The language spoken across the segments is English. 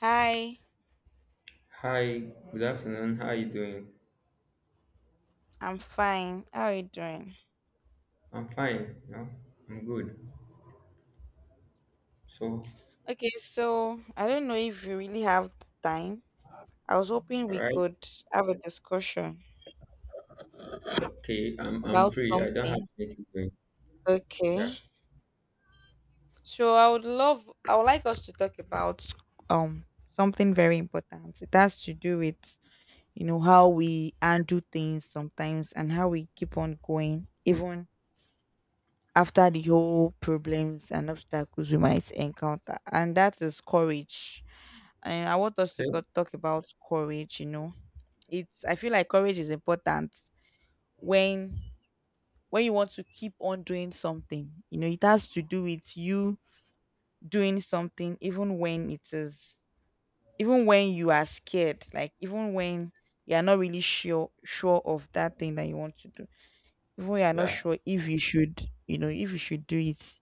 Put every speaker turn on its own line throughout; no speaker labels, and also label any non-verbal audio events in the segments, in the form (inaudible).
Hi,
Hi, good afternoon. How are you doing?
I'm fine. How are you doing?
I'm fine. No, I'm good. So,
Okay, so I don't know if you really have time. I was hoping
all
we
right.
could have a discussion
Okay, I'm
about
free. I don't have
something.
anything doing. Yeah.
Okay. I would like us to talk about something very important. It has to do with, you know, how we undo things sometimes and how we keep on going even after the whole problems and obstacles we might encounter. And that is courage. And I want us to go
Okay.
talk about courage, you know. It's I feel like courage is important when when you want to keep on doing something. You know, it has to do with you doing something even when it is even when you are scared, like even when you are not really sure of that thing that you want to do. Even when you are not
Yeah.
sure if you should, you know, if you should do it.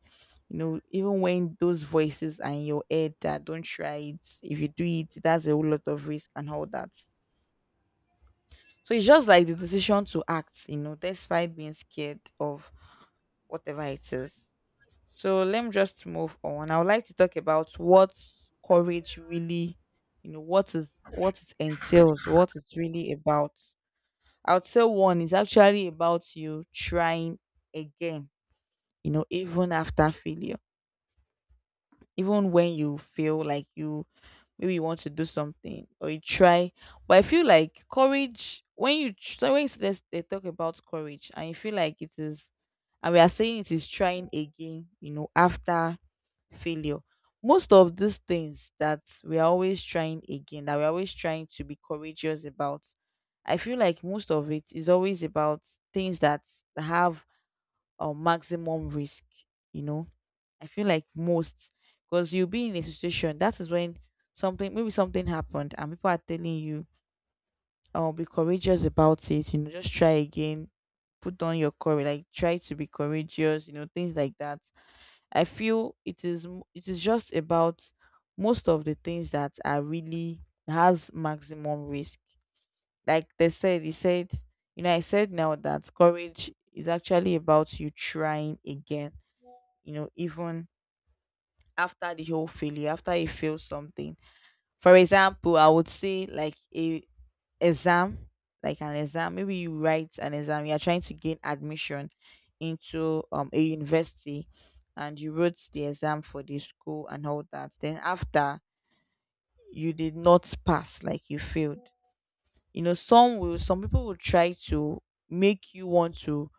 You know, even when those voices are in your head that don't try it, if you do it, that's a whole lot of risk and all that. So it's just like the decision to act, you know, despite being scared of whatever it is. So let me just move on. I would like to talk about what courage really, you know, what is what it entails, what it's really about. I would say one is actually about you trying again, you know, even after failure, even when you feel like you maybe you want to do something or you try, but I feel like courage when you so when they talk about courage and you feel like it is, and we are saying it is trying again, you know, after failure. Most of these things that we are always trying again, that we're always trying to be courageous about, I feel like most of it is always about things that have a maximum risk, you know. I feel like most, because you'll be in a situation that is when something, maybe something happened and people are telling you, oh, be courageous about it, you know, just try again, put on your courage, like try to be courageous, you know, things like that. I feel it is just about most of the things that are really has maximum risk. Like they said, he said, you know, I said now that courage is actually about you trying again, you know, even after the whole failure, after you fail something. For example, I would say like a exam, like an exam. Maybe you write an exam. You are trying to gain admission into a university, and you wrote the exam for the school and all that. Then after, you did not pass, like you failed. You know, some people will try to make you want to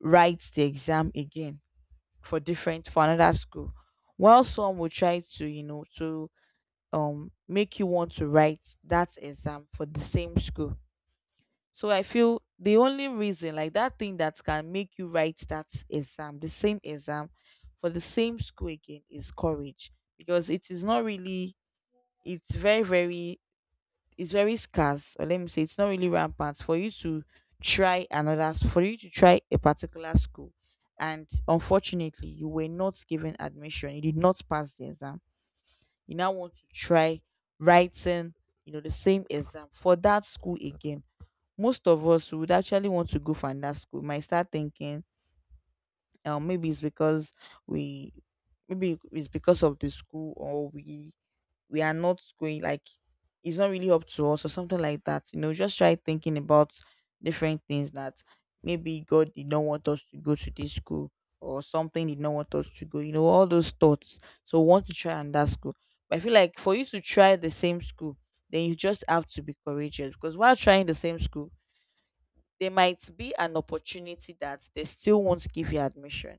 write the exam again for different for another school, while some will try to, you know, to make you want to write that exam for the same school. So I feel the only reason, like that thing that can make you write that exam, the same exam for the same school again, is courage. Because it is not really, it's very, very, it's very scarce, or let me say it's not really rampant for you to try another for you to try a particular school and unfortunately you were not given admission. You did not pass the exam, you now want to try writing, you know, the same exam for that school again. Most of us would actually want to go for another school. Might start thinking, maybe it's because we, maybe it's because of the school, or we are not going, like it's not really up to us or something like that. You know, just try thinking about different things, that maybe God did not want us to go to this school or something did not want us to go. You know, all those thoughts. So we want to try and that school. But I feel like for you to try the same school, then you just have to be courageous, because while trying the same school, there might be an opportunity that they still won't give you admission.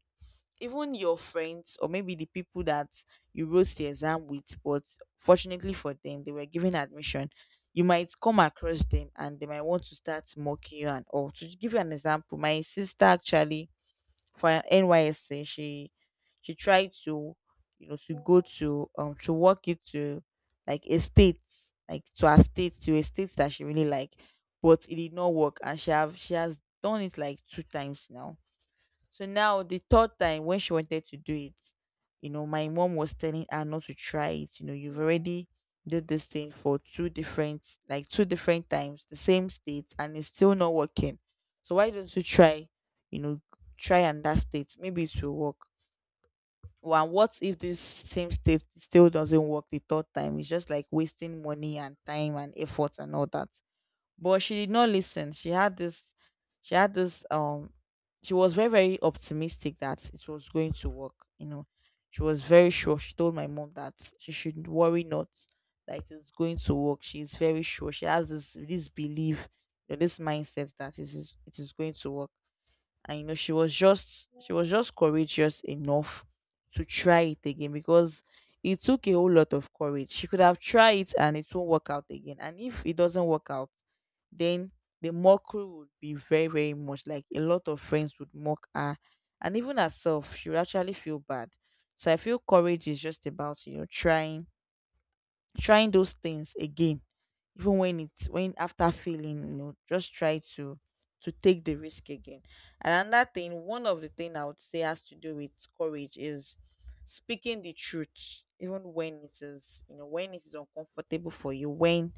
Even your friends, or maybe the people that you wrote the exam with, but fortunately for them they were given admission, you might come across them and they might want to start mocking you and all. To give you an example, my sister actually, for her NYSC, she tried to, you know, to go to work it to like a state, like to a state that she really like, but it did not work, and she has done it like 2 times now. So now the third time when she wanted to do it, you know, my mom was telling her not to try it. You know, you've already did this thing for 2 different times, the same state, and it's still not working. So why don't you try, you know, try another state? Maybe it will work. Well, what if this same state still doesn't work the third time? It's just like wasting money and time and effort and all that. But she did not listen. She had this, she was very, very optimistic that it was going to work, you know. She was very sure, she told my mom that she should worry not, that it is going to work. She is very sure, she has this belief, you know, this mindset that it is going to work. And you know, she was just courageous enough to try it again, because it took a whole lot of courage. She could have tried it and it won't work out again, and if it doesn't work out, then the mockery would be very, very much, like a lot of friends would mock her. And even herself, she would actually feel bad. So I feel courage is just about, you know, trying, trying those things again, even when it's when after failing, you know, just try to take the risk again. And another thing, one of the thing I would say has to do with courage is speaking the truth even when it is, you know, when it is uncomfortable for you,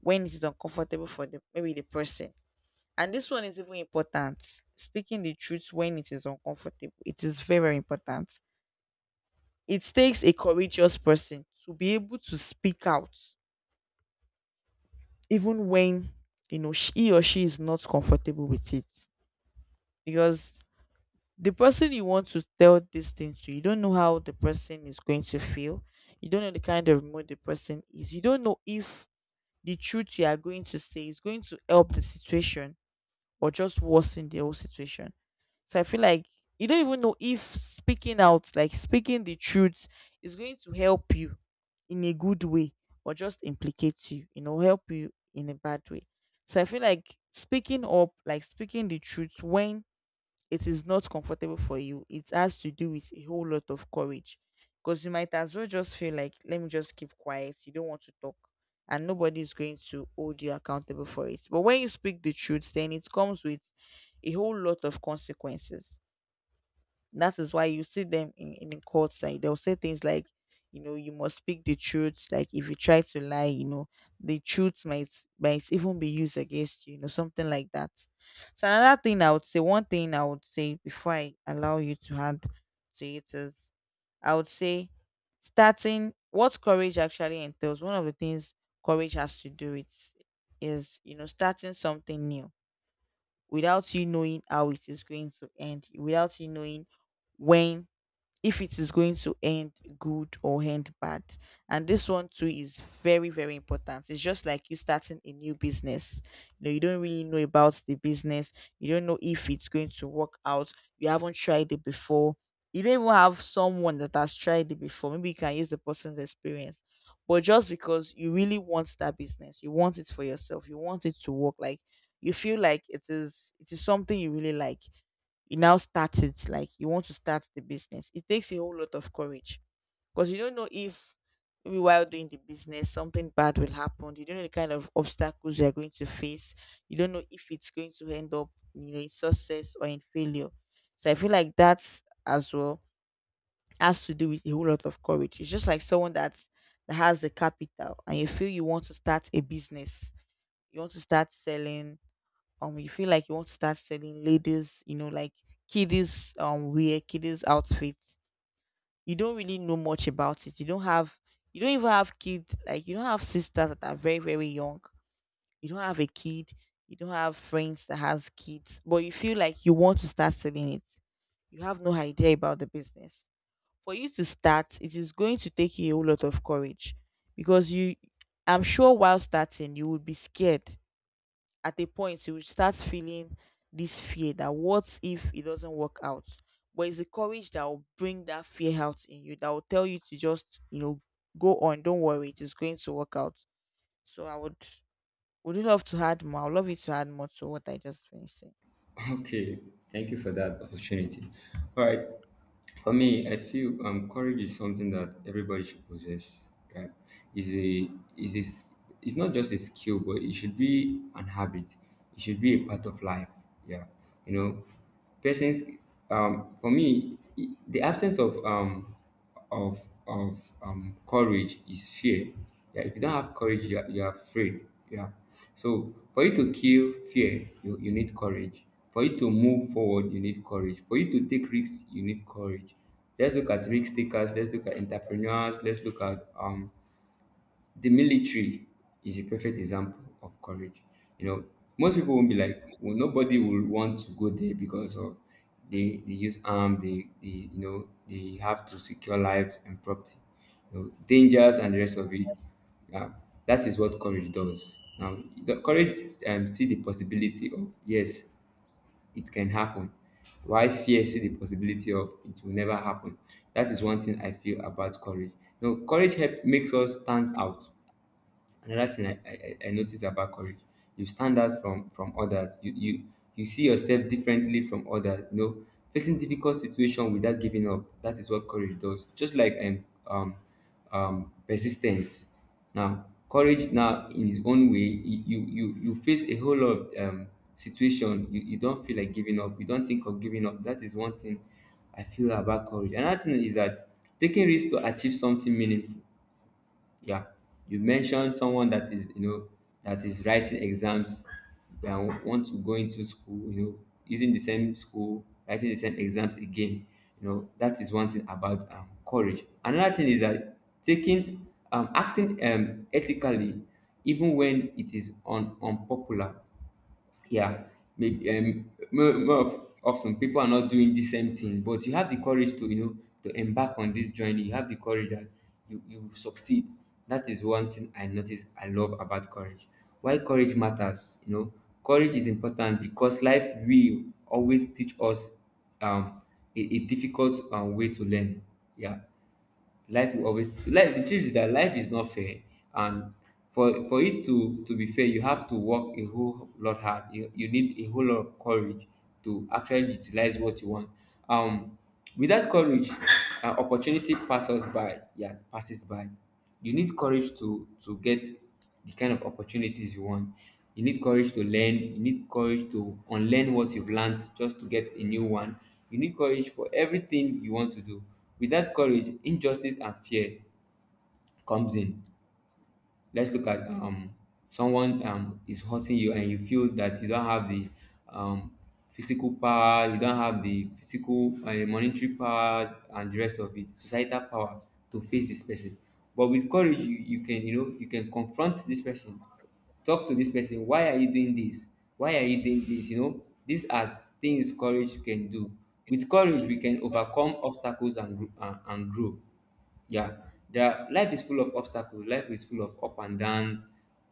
when it is uncomfortable for the maybe the person. And this one is even important. Speaking the truth when it is uncomfortable, it is very, very important. It takes a courageous person to be able to speak out even when, you know, he or she is not comfortable with it. Because the person you want to tell this thing to, you don't know how the person is going to feel. You don't know the kind of mood the person is. You don't know if the truth you are going to say is going to help the situation or just worsen the whole situation. So I feel like you don't even know if speaking out, like speaking the truth, is going to help you in a good way, or just implicate you, you know, help you in a bad way. So I feel like speaking up, like speaking the truth when it is not comfortable for you, it has to do with a whole lot of courage. Because you might as well just feel like, let me just keep quiet. You don't want to talk. And nobody is going to hold you accountable for it. But when you speak the truth, then it comes with a whole lot of consequences. That is why you see them in the courts, like they'll say things like, you know, you must speak the truth. Like if you try to lie, you know, the truth might even be used against you, you know, something like that. So another thing I would say, one thing I would say before I allow you to add to it is, I would say starting what courage actually entails, one of the things courage has to do with is, you know, starting something new without you knowing how it is going to end, without you knowing when, if it is going to end good or end bad. And this one too is very, very important. It's just like you starting a new business. You know, you don't really know about the business. You don't know if it's going to work out. You haven't tried it before. You don't even have someone that has tried it before. Maybe you can use the person's experience. But just because you really want that business, you want it for yourself, you want it to work, like you feel like it is something you really like. You now start it, like you want to start the business. It takes a whole lot of courage because you don't know if maybe while doing the business something bad will happen. You don't know the kind of obstacles you are going to face. You don't know if it's going to end up, you know, in success or in failure. So I feel like that as well has to do with a whole lot of courage. It's just like someone that has the capital and you feel you want to start a business, you want to start selling, you feel like you want to start selling ladies, you know, like kiddies, wear, kiddies outfits. You don't really know much about it. You don't have, you don't even have kids, like you don't have sisters that are very, very young, you don't have a kid, you don't have friends that has kids, but you feel like you want to start selling it. You have no idea about the business. For you to start, it is going to take you a whole lot of courage because you I'm sure while starting you would be scared. At a point you will start feeling this fear that what if it doesn't work out? But it's the courage that will bring that fear out in you, that will tell you to just, you know, go on, don't worry, it is going to work out. So I would you love to add more? I would love you to add more to what I just finished saying.
Okay, thank you for that opportunity. All right, for me, I feel courage is something that everybody should possess. Right? Is a is is it's not just a skill, but it should be an habit. It should be a part of life. Yeah, you know, persons. For me, the absence of courage is fear. Yeah, if you don't have courage, you are afraid. Yeah. So for you to kill fear, you need courage. For you to move forward, you need courage. For you to take risks, you need courage. Let's look at risk takers. Let's look at entrepreneurs. Let's look at the military is a perfect example of courage. You know, most people won't be like, well, nobody will want to go there because of they use arm, they you know they have to secure lives and property, you know, dangers and the rest of it. Yeah, that is what courage does. Now, the courage see the possibility of yes, it can happen. Why fear see the possibility of it will never happen? That is one thing I feel about courage. You know, courage help makes us stand out. Another thing I notice about courage, you stand out from others. You You see yourself differently from others. You know, facing difficult situation without giving up. That is what courage does. Just like um, persistence. Now, courage now in its own way, you you face a whole lot of situation. You don't feel like giving up. You don't think of giving up. That is one thing I feel about courage. Another thing is that taking risks to achieve something meaningful, yeah, you mentioned someone that is, you know, that is writing exams and want to go into school, you know, using the same school, writing the same exams again. You know, that is one thing about courage. Another thing is that taking, acting ethically, even when it is unpopular. Yeah, maybe often people are not doing the same thing, but you have the courage to, you know, to embark on this journey. You have the courage that you will succeed. That is one thing I notice, I love about courage. Why courage matters, you know, courage is important because life will always teach us um a difficult way to learn. Yeah, life will always life, the truth is that life is not fair, and for it to be fair, you have to work a whole lot hard. You you, need a whole lot of courage to actually utilize what you want. um Without courage, opportunity passes by. Yeah, passes by. You need courage to get the kind of opportunities you want. You need courage to learn. You need courage to unlearn what you've learned just to get a new one. You need courage for everything you want to do. Without courage, injustice and fear comes in. Let's look at someone is hurting you and you feel that you don't have the um physical power. You don't have the physical monetary power and the rest of it, societal power, to face this person. But with courage, you can, you know, you can confront this person, talk to this person. Why are you doing this? Why are you doing this? You know, these are things courage can do. With courage, we can overcome obstacles and, and grow. Yeah, there, life is full of obstacles. Life is full of up and down,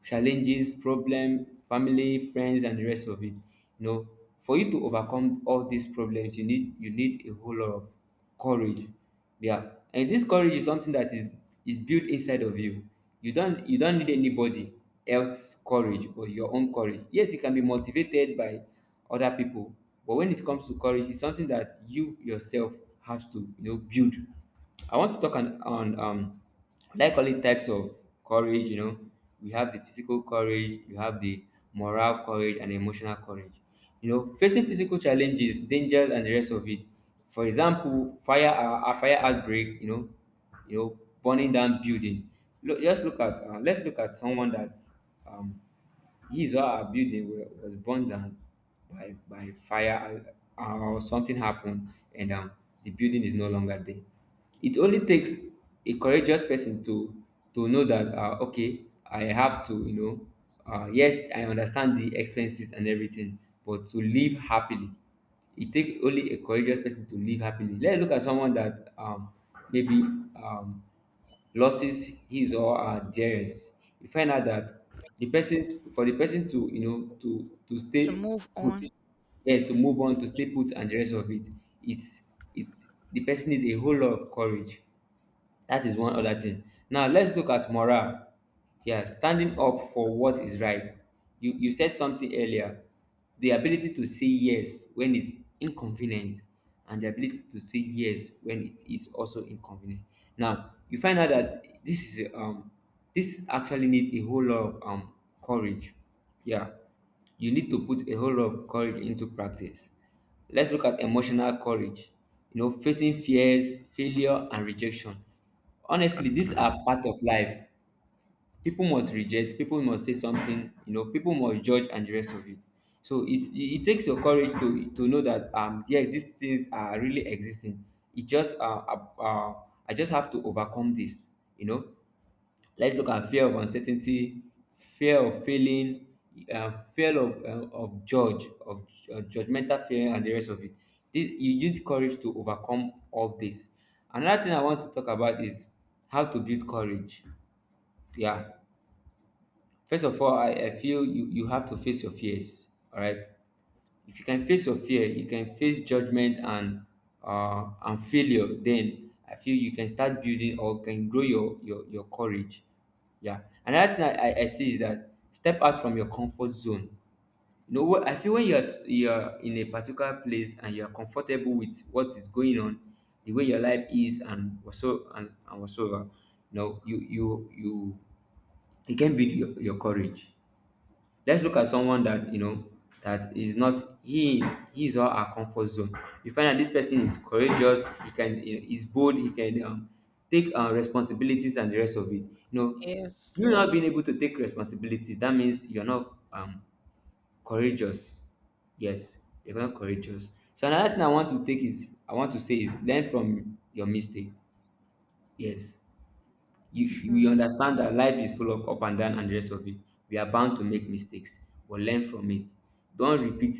challenges, problem, family, friends, and the rest of it. You know, for you to overcome all these problems, you need a whole lot of courage. Yeah, and this courage is something that is built inside of you. You don't need anybody else courage, but your own courage. Yes, you can be motivated by other people, but when it comes to courage, it's something that you yourself has to, you know, build. I want to talk on, like all the types of courage. You know, we have the physical courage. You have the moral courage and emotional courage. You know, facing physical challenges, dangers and the rest of it. For example, fire, a fire outbreak. You know, burning down building. Look, just look at let's look at someone that um he is how our building was burned down by fire, or something happened, and the building is no longer there. It only takes a courageous person to know that, okay, I have to, you know, yes, I understand the expenses and everything, but to live happily, it takes only a courageous person to live happily. Let's look at someone that maybe um losses his or her dearest. You find out that the person for the person to, you know, to
To
stay
move
put,
on
yeah, to move on, to stay put and the rest of it, it's it's the person needs a whole lot of courage. That is one other thing. Now let's look at morale. Yeah, standing up for what is right. You said something earlier. The ability to say yes when it's inconvenient, and the ability to say yes when it is also inconvenient. Now you find out that this is this actually need a whole lot of courage. Yeah. You need to put a whole lot of courage into practice. Let's look at emotional courage. You know, facing fears, failure, and rejection. Honestly, these are part of life. People must reject, people must say something, you know, people must judge and the rest of it. So it it takes your courage to know that, yes, these things are really existing. It just, uh, uh, I just have to overcome this, you know. Let's look at fear of uncertainty, fear of failing, fear of judgmental fear, and the rest of it. This, you need courage to overcome all this. Another thing I want to talk about is how to build courage. Yeah, first of all, I feel you have to face your fears. All right, if you can face your fear, you can face judgment and failure, then I feel you can start building or can grow your courage. Yeah, another thing I see is that step out from your comfort zone. You know what I feel, when you're in a particular place and you're comfortable with what is going on, the way your life is and also and whatsoever, you know, you, it can build your courage. Let's look at someone that, you know, that is not he's or our comfort zone. You find that this person is courageous. He can is bold. He can, take responsibilities and the rest of it. You know,
is
you not being able to take responsibility, that means you're not courageous. Yes, you're not courageous. So another thing I want to say is learn from your mistake. Yes. We
sure
understand that life is full of up and down and the rest of it. We are bound to make mistakes, but learn from it. Don't repeat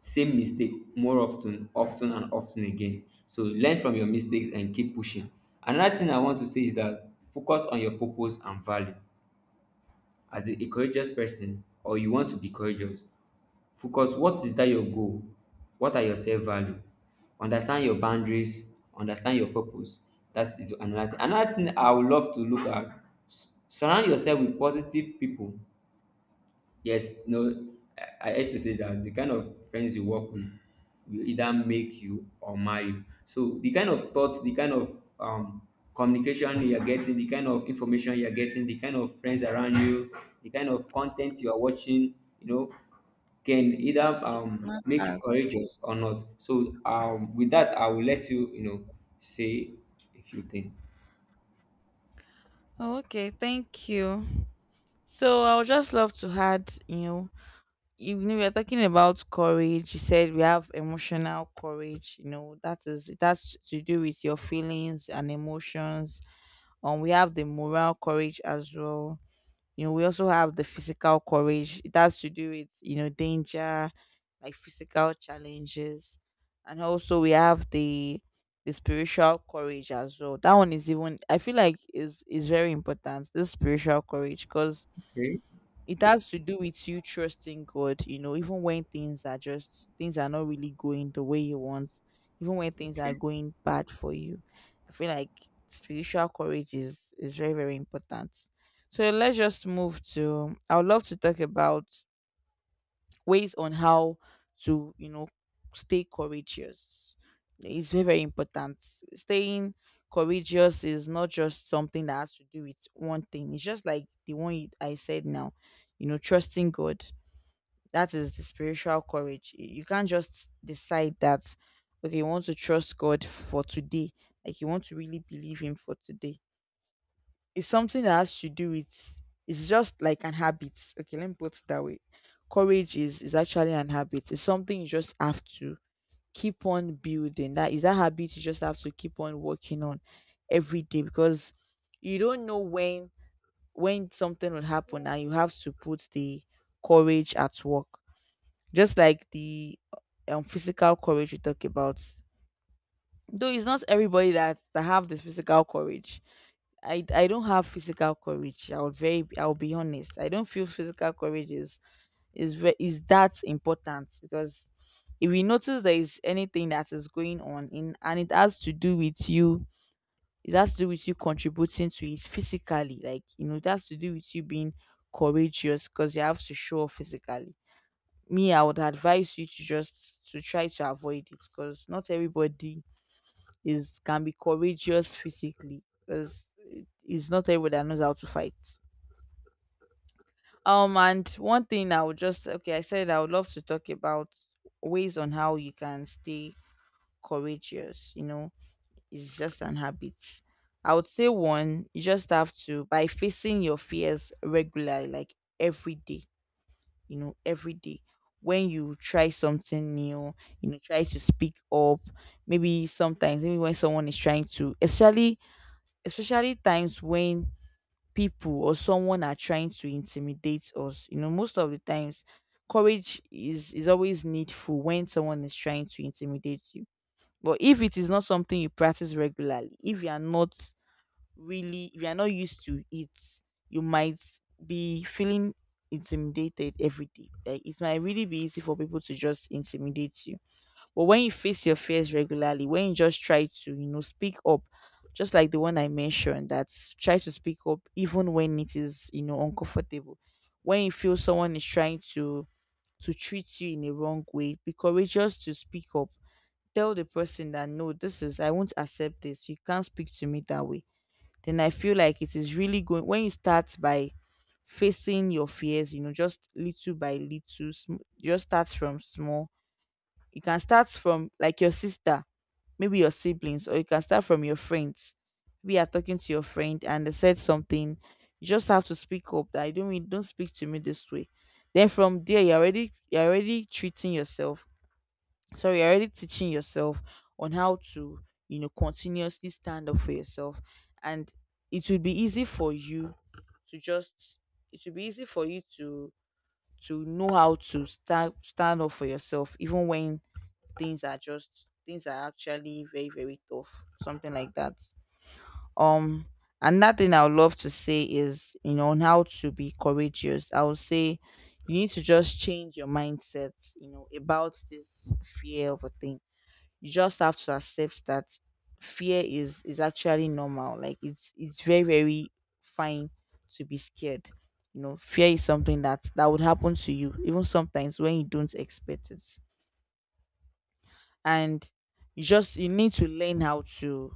same mistake more often often and often again. So learn from your mistakes and keep pushing. Another thing I want to say is that focus on your purpose and value. As a courageous person, or you want to be courageous, focus, what is that your goal? What are your self value? Understand your boundaries, understand your purpose. That is another thing. Another thing I would love to look at, surround yourself with positive people. Yes, no, I used to say that the kind of friends you work with will either make you or mar you. So the kind of thoughts, the kind of communication you're getting, the kind of information you're getting, the kind of friends around you, the kind of contents you are watching, you know, can either
smart
make you
as.
courageous or not. So with that, I will let you, you know, say a few things.
Oh, okay, thank you. So I would just love to add, you know we're talking about courage, you said we have emotional courage, you know, that is, that's to do with your feelings and emotions. We have the moral courage as well, you know, we also have the physical courage. It has to do with, you know, danger, like physical challenges, and also we have the spiritual courage as well. That one is even, I feel like is very important, this spiritual courage, because
Okay.
it has to do with you trusting God, you know, even when things are just, things are not really going the way you want, even when things are
Okay.
going bad for you. I feel like spiritual courage is very, very important. So let's just move to, I would love to talk about ways on how to, you know, stay courageous. It's very, very important. Staying courageous is not just something that has to do with one thing. It's just like the one I said now, you know, trusting God, that is the spiritual courage. You can't just decide that okay, you want to trust God for today, like you want to really believe him for today. It's something that has to do with, it's just like an habit. Okay, let me put it that way. Courage is actually an habit. It's something you just have to keep on building. That is a habit you just have to keep on working on every day because you don't know when something will happen and you have to put the courage at work. Just like the physical courage we talk about. Though it's not everybody that have this physical courage. I don't have physical courage. I would very, I will be honest, I don't feel physical courage is that important because if we notice there is anything that is going on in, and it has to do with you, it has to do with you contributing to it physically. Like, you know, it has to do with you being courageous because you have to show up physically. Me, I would advise you to just to try to avoid it because not everybody is, can be courageous physically because it's not everybody that knows how to fight. And one thing I would just, okay, I said I would love to talk about ways on how you can stay courageous. You know, it's just an habit. I would say one, you just have to by facing your fears regularly, like every day. You know, every day when you try something new, you know, try to speak up. Maybe sometimes, maybe when someone is trying to, especially times when people or someone are trying to intimidate us, you know. Most of the times courage is always needful when someone is trying to intimidate you, but if it is not something you practice regularly, if you are not really, if you are not used to it, you might be feeling intimidated every day. Like it might really be easy for people to just intimidate you. But when you face your fears regularly, when you just try to, you know, speak up, just like the one I mentioned, that try to speak up even when it is, you know, uncomfortable. When you feel someone is trying to treat you in a wrong way, be courageous to speak up. Tell the person that no, this is, I won't accept this. You can't speak to me that way. Then I feel like it is really going when you start by facing your fears, you know, just little by little, just starts from small. You can start from like your sister, maybe your siblings, or you can start from your friends. We are talking to your friend and they said something, you just have to speak up that I don't mean, don't speak to me this way. Then from there you're already, you're already treating yourself, sorry, you're already teaching yourself on how to, you know, continuously stand up for yourself. And it will be easy for you to just, it will be easy for you to know how to stand up for yourself even when things are just, things are actually very, very tough, something like that. Um another thing I would love to say is, you know, on how to be courageous, I would say you need to just change your mindset, you know, about this fear of a thing. You just have to accept that fear is actually normal. Like it's very, very fine to be scared. You know, fear is something that would happen to you even sometimes when you don't expect it. And you just, you need to learn how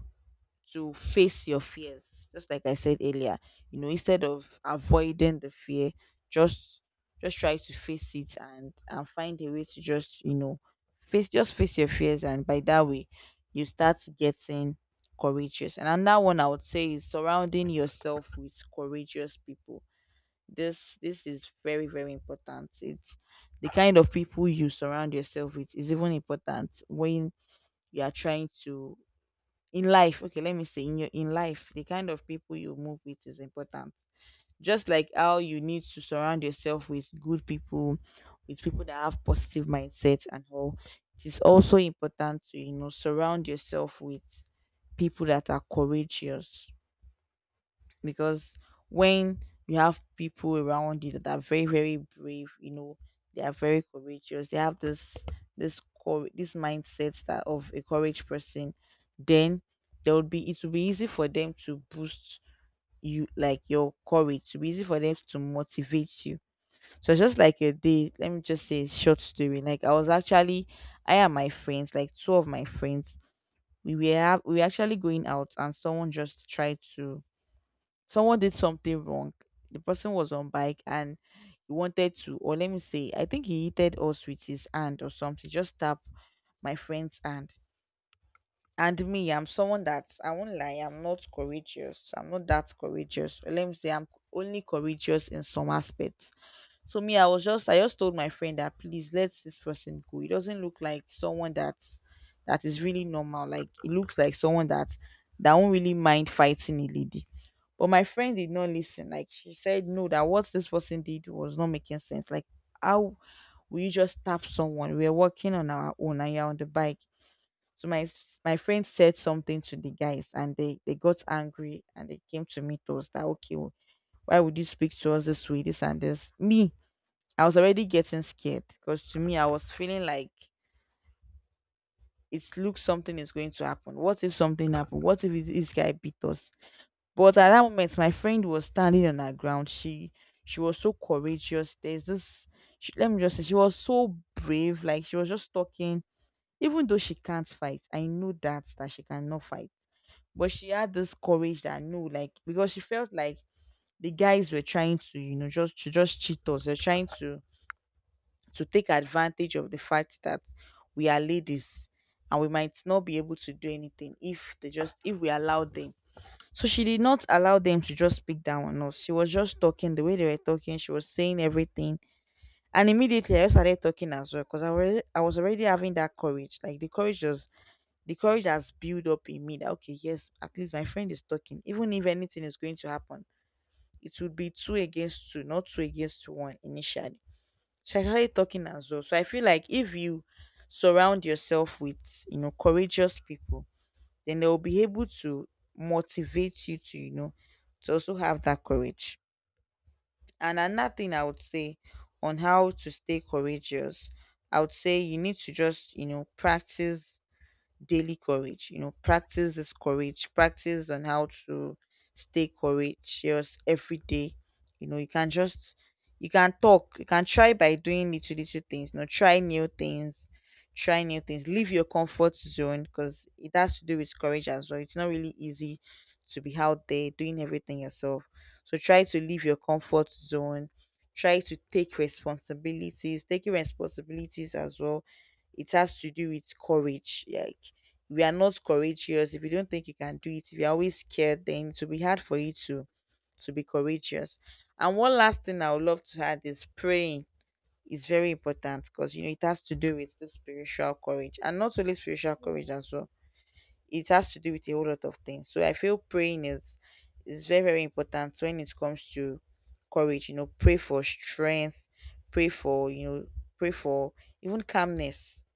to face your fears, just like I said earlier. You know, instead of avoiding the fear, just just try to face it, and find a way to just, you know, face, just face your fears, and by that way you start getting courageous. And another one I would say is surrounding yourself with courageous people. This is very, very important. It's the kind of people you surround yourself with is even important when you are trying to in life, okay, let me say in your, in life the kind of people you move with is important. Just like how you need to surround yourself with good people, with people that have positive mindset and all, it is also important to, you know, surround yourself with people that are courageous, because when you have people around you that are very, very brave, you know, they are very courageous, they have this, this mindset that of a courage person, then there would be, it will be easy for them to boost you, like your courage, to be easy for them to motivate you. So it's just like a day, let me just say a short story. Like I was actually, I and my friends, like two of my friends, we were actually going out and someone just tried to, someone did something wrong. The person was on bike and he wanted to, or let me say, I think he hit us with his hand or something. Just tap my friend's hand. And me, I'm someone that, I won't lie, I'm not courageous. I'm not that courageous. Or let me say I'm only courageous in some aspects. So me, I was just, I just told my friend that please let this person go. It doesn't look like someone that's, that is really normal. Like it looks like someone that won't really mind fighting a lady. But my friend did not listen. Like she said, no, that what this person did was not making sense. Like how will you just tap someone? We are working on our own and you're on the bike. So my friend said something to the guys and they got angry and they came to me, to us that okay, why would you speak to us this way, this and this? Me, I was already getting scared because to me I was feeling like it looks something is going to happen. What if something happened? What if this guy beat us? But at that moment, my friend was standing on her ground. She was so courageous. There's this. She, let me just say, she was so brave. Like she was just talking, even though she can't fight. I know that she cannot fight, but she had this courage that no, like because she felt like the guys were trying to, you know, just to, just cheat us. They're trying to take advantage of the fact that we are ladies and we might not be able to do anything if they just, if we allow them. So she did not allow them to just speak down on us. She was just talking the way they were talking. She was saying everything. And immediately I just started talking as well because I was already having that courage. Like the courage was, the courage has built up in me that okay, yes, at least my friend is talking. Even if anything is going to happen, it would be two against two, not two against one initially. So I started talking as well. So I feel like if you surround yourself with, you know, courageous people, then they'll be able to motivate you to, you know, to also have that courage. And another thing I would say on how to stay courageous, I would say you need to just, you know, practice daily courage. You know, practice this courage. Practice on how to stay courageous every day. You know, you can just, you can talk. You can try by doing little little things. You know, try new things. Try new things. Leave your comfort zone because it has to do with courage as well. It's not really easy to be out there doing everything yourself. So try to leave your comfort zone. Try to take responsibilities. Taking responsibilities as well, it has to do with courage. Like we are not courageous, if you don't think you can do it, if you're always scared, then it will be hard for you to be courageous. And one last thing I would love to add is praying is very important because, you know, it has to do with the spiritual courage, and not only spiritual courage as well, it has to do with a whole lot of things. So I feel praying is very, very important when it comes to courage. You know, pray for strength, pray for, you know, pray for even calmness,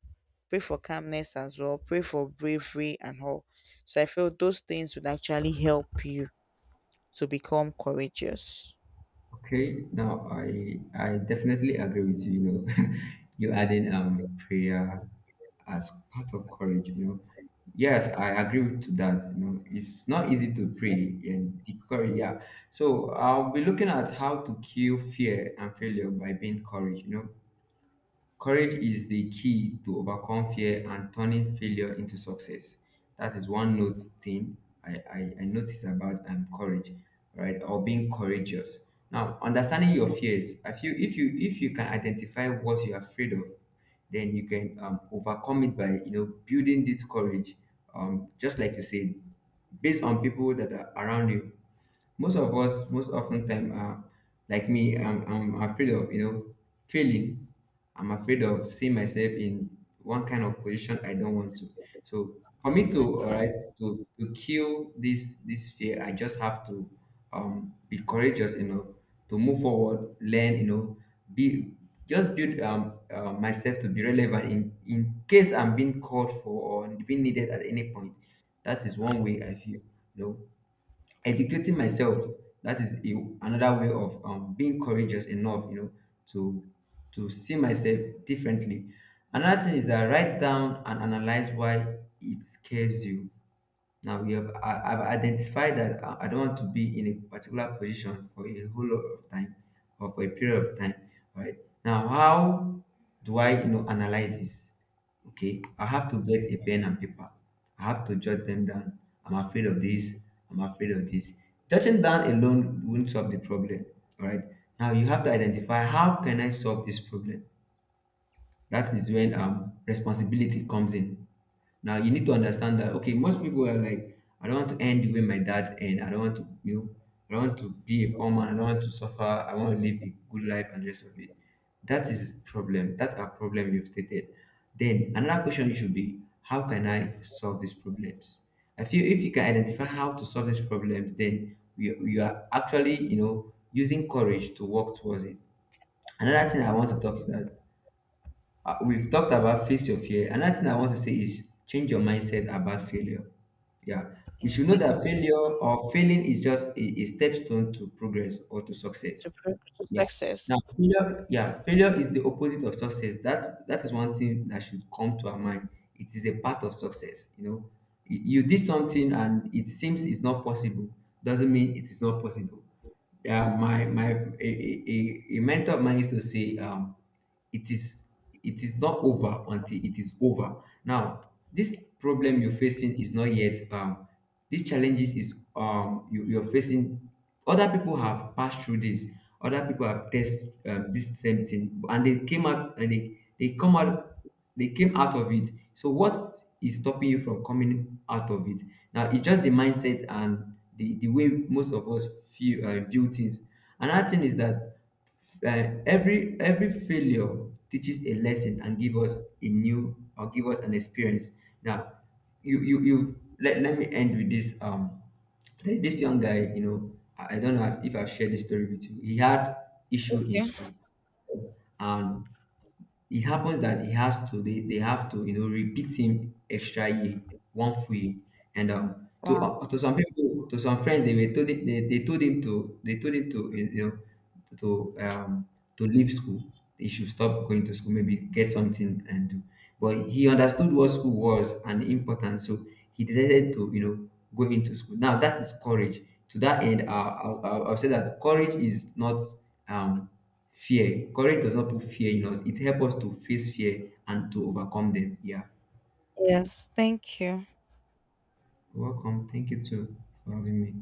pray for calmness as well, pray for bravery and all. So I feel those things would actually help you to become courageous.
Okay, now I definitely agree with you. You know, (laughs) you adding prayer as part of courage. You know, yes, I agree with to that. You know, it's not easy to pray and the courage. Yeah, so I'll be looking at how to kill fear and failure by being courage. You know, courage is the key to overcome fear and turning failure into success. That is one note thing I notice about courage, right, or being courageous. Now, understanding your fears, I feel if you can identify what you're afraid of, then you can overcome it by, you know, building this courage, just like you said, based on people that are around you. Most of us most often time are, like me, I'm afraid of, you know, failing. I'm afraid of seeing myself in one kind of position I don't want to. So for me to, all
Exactly.
right, to kill this fear, I just have to be courageous enough to move forward, learn, you know, be, just build myself to be relevant in case I'm being called for or being needed at any point. That is one way I feel, you know, educating myself. That is another way of being courageous enough, you know, to to see myself differently. Another thing is that write down and analyze why it scares you. Now we have I've identified that I don't want to be in a particular position for a whole lot of time or for a period of time. Right. Now, how do I, analyze this? Okay, I have to get a pen and paper. I have to jot them down. I'm afraid of this. I'm afraid of this. Jotting down alone won't solve the problem. All right. Now you have to identify how can I solve this problem. That is when responsibility comes in. Now you need to understand that, okay, most people are like, I don't want to end the way my dad end. I don't want to, I don't want to be a poor man, I don't want to suffer, I want to live a good life and the rest of it. That is problem. That are problem you've stated. Then another question should be, how can I solve these problems? I feel if you can identify how to solve these problems, then you are actually, you know, using courage to work towards it. Another thing I want to talk is that we've talked about face your fear. Another thing I want to say is change your mindset about failure. Yeah. We
Yeah.
should know that failure or failing is just a step stone to progress or to success.
To, pro- to
Yeah. Now,
success.
failure, yeah, failure is the opposite of success. That is one thing that should come to our mind. It is a part of success. You know, you did something and it seems it's not possible. Doesn't mean it is not possible. Yeah, my a mentor of mine used to say, it is not over until it is over. Now, this problem you're facing is not yet these challenges is you, you're facing. Other people have passed through this. Other people have test this same thing and they came out and they came out of it. So what is stopping you from coming out of it? Now it's just the mindset and the way most of us feel, view things. Another thing is that every failure teaches a lesson and give us a new or give us an experience. Now, let me end with this. There is this young guy, you know, I don't know if I've shared this story with you. He had issue in
Okay.
school, and it happens that he has to, they have to, you know, repeat him extra year, one full year. And
Wow.
to some people, to some friends, they were told they told him to, you know, to um to leave school. He should stop going to school, maybe get something and do. But he understood what school was and the importance, so he decided to, you know, go into school. Now that is courage. To that end, I'll say that courage is not um fear. Courage does not put fear in us. It helps us to face fear and to overcome them. Yeah.
Yes. Thank you.
You're welcome. Thank you too for having me.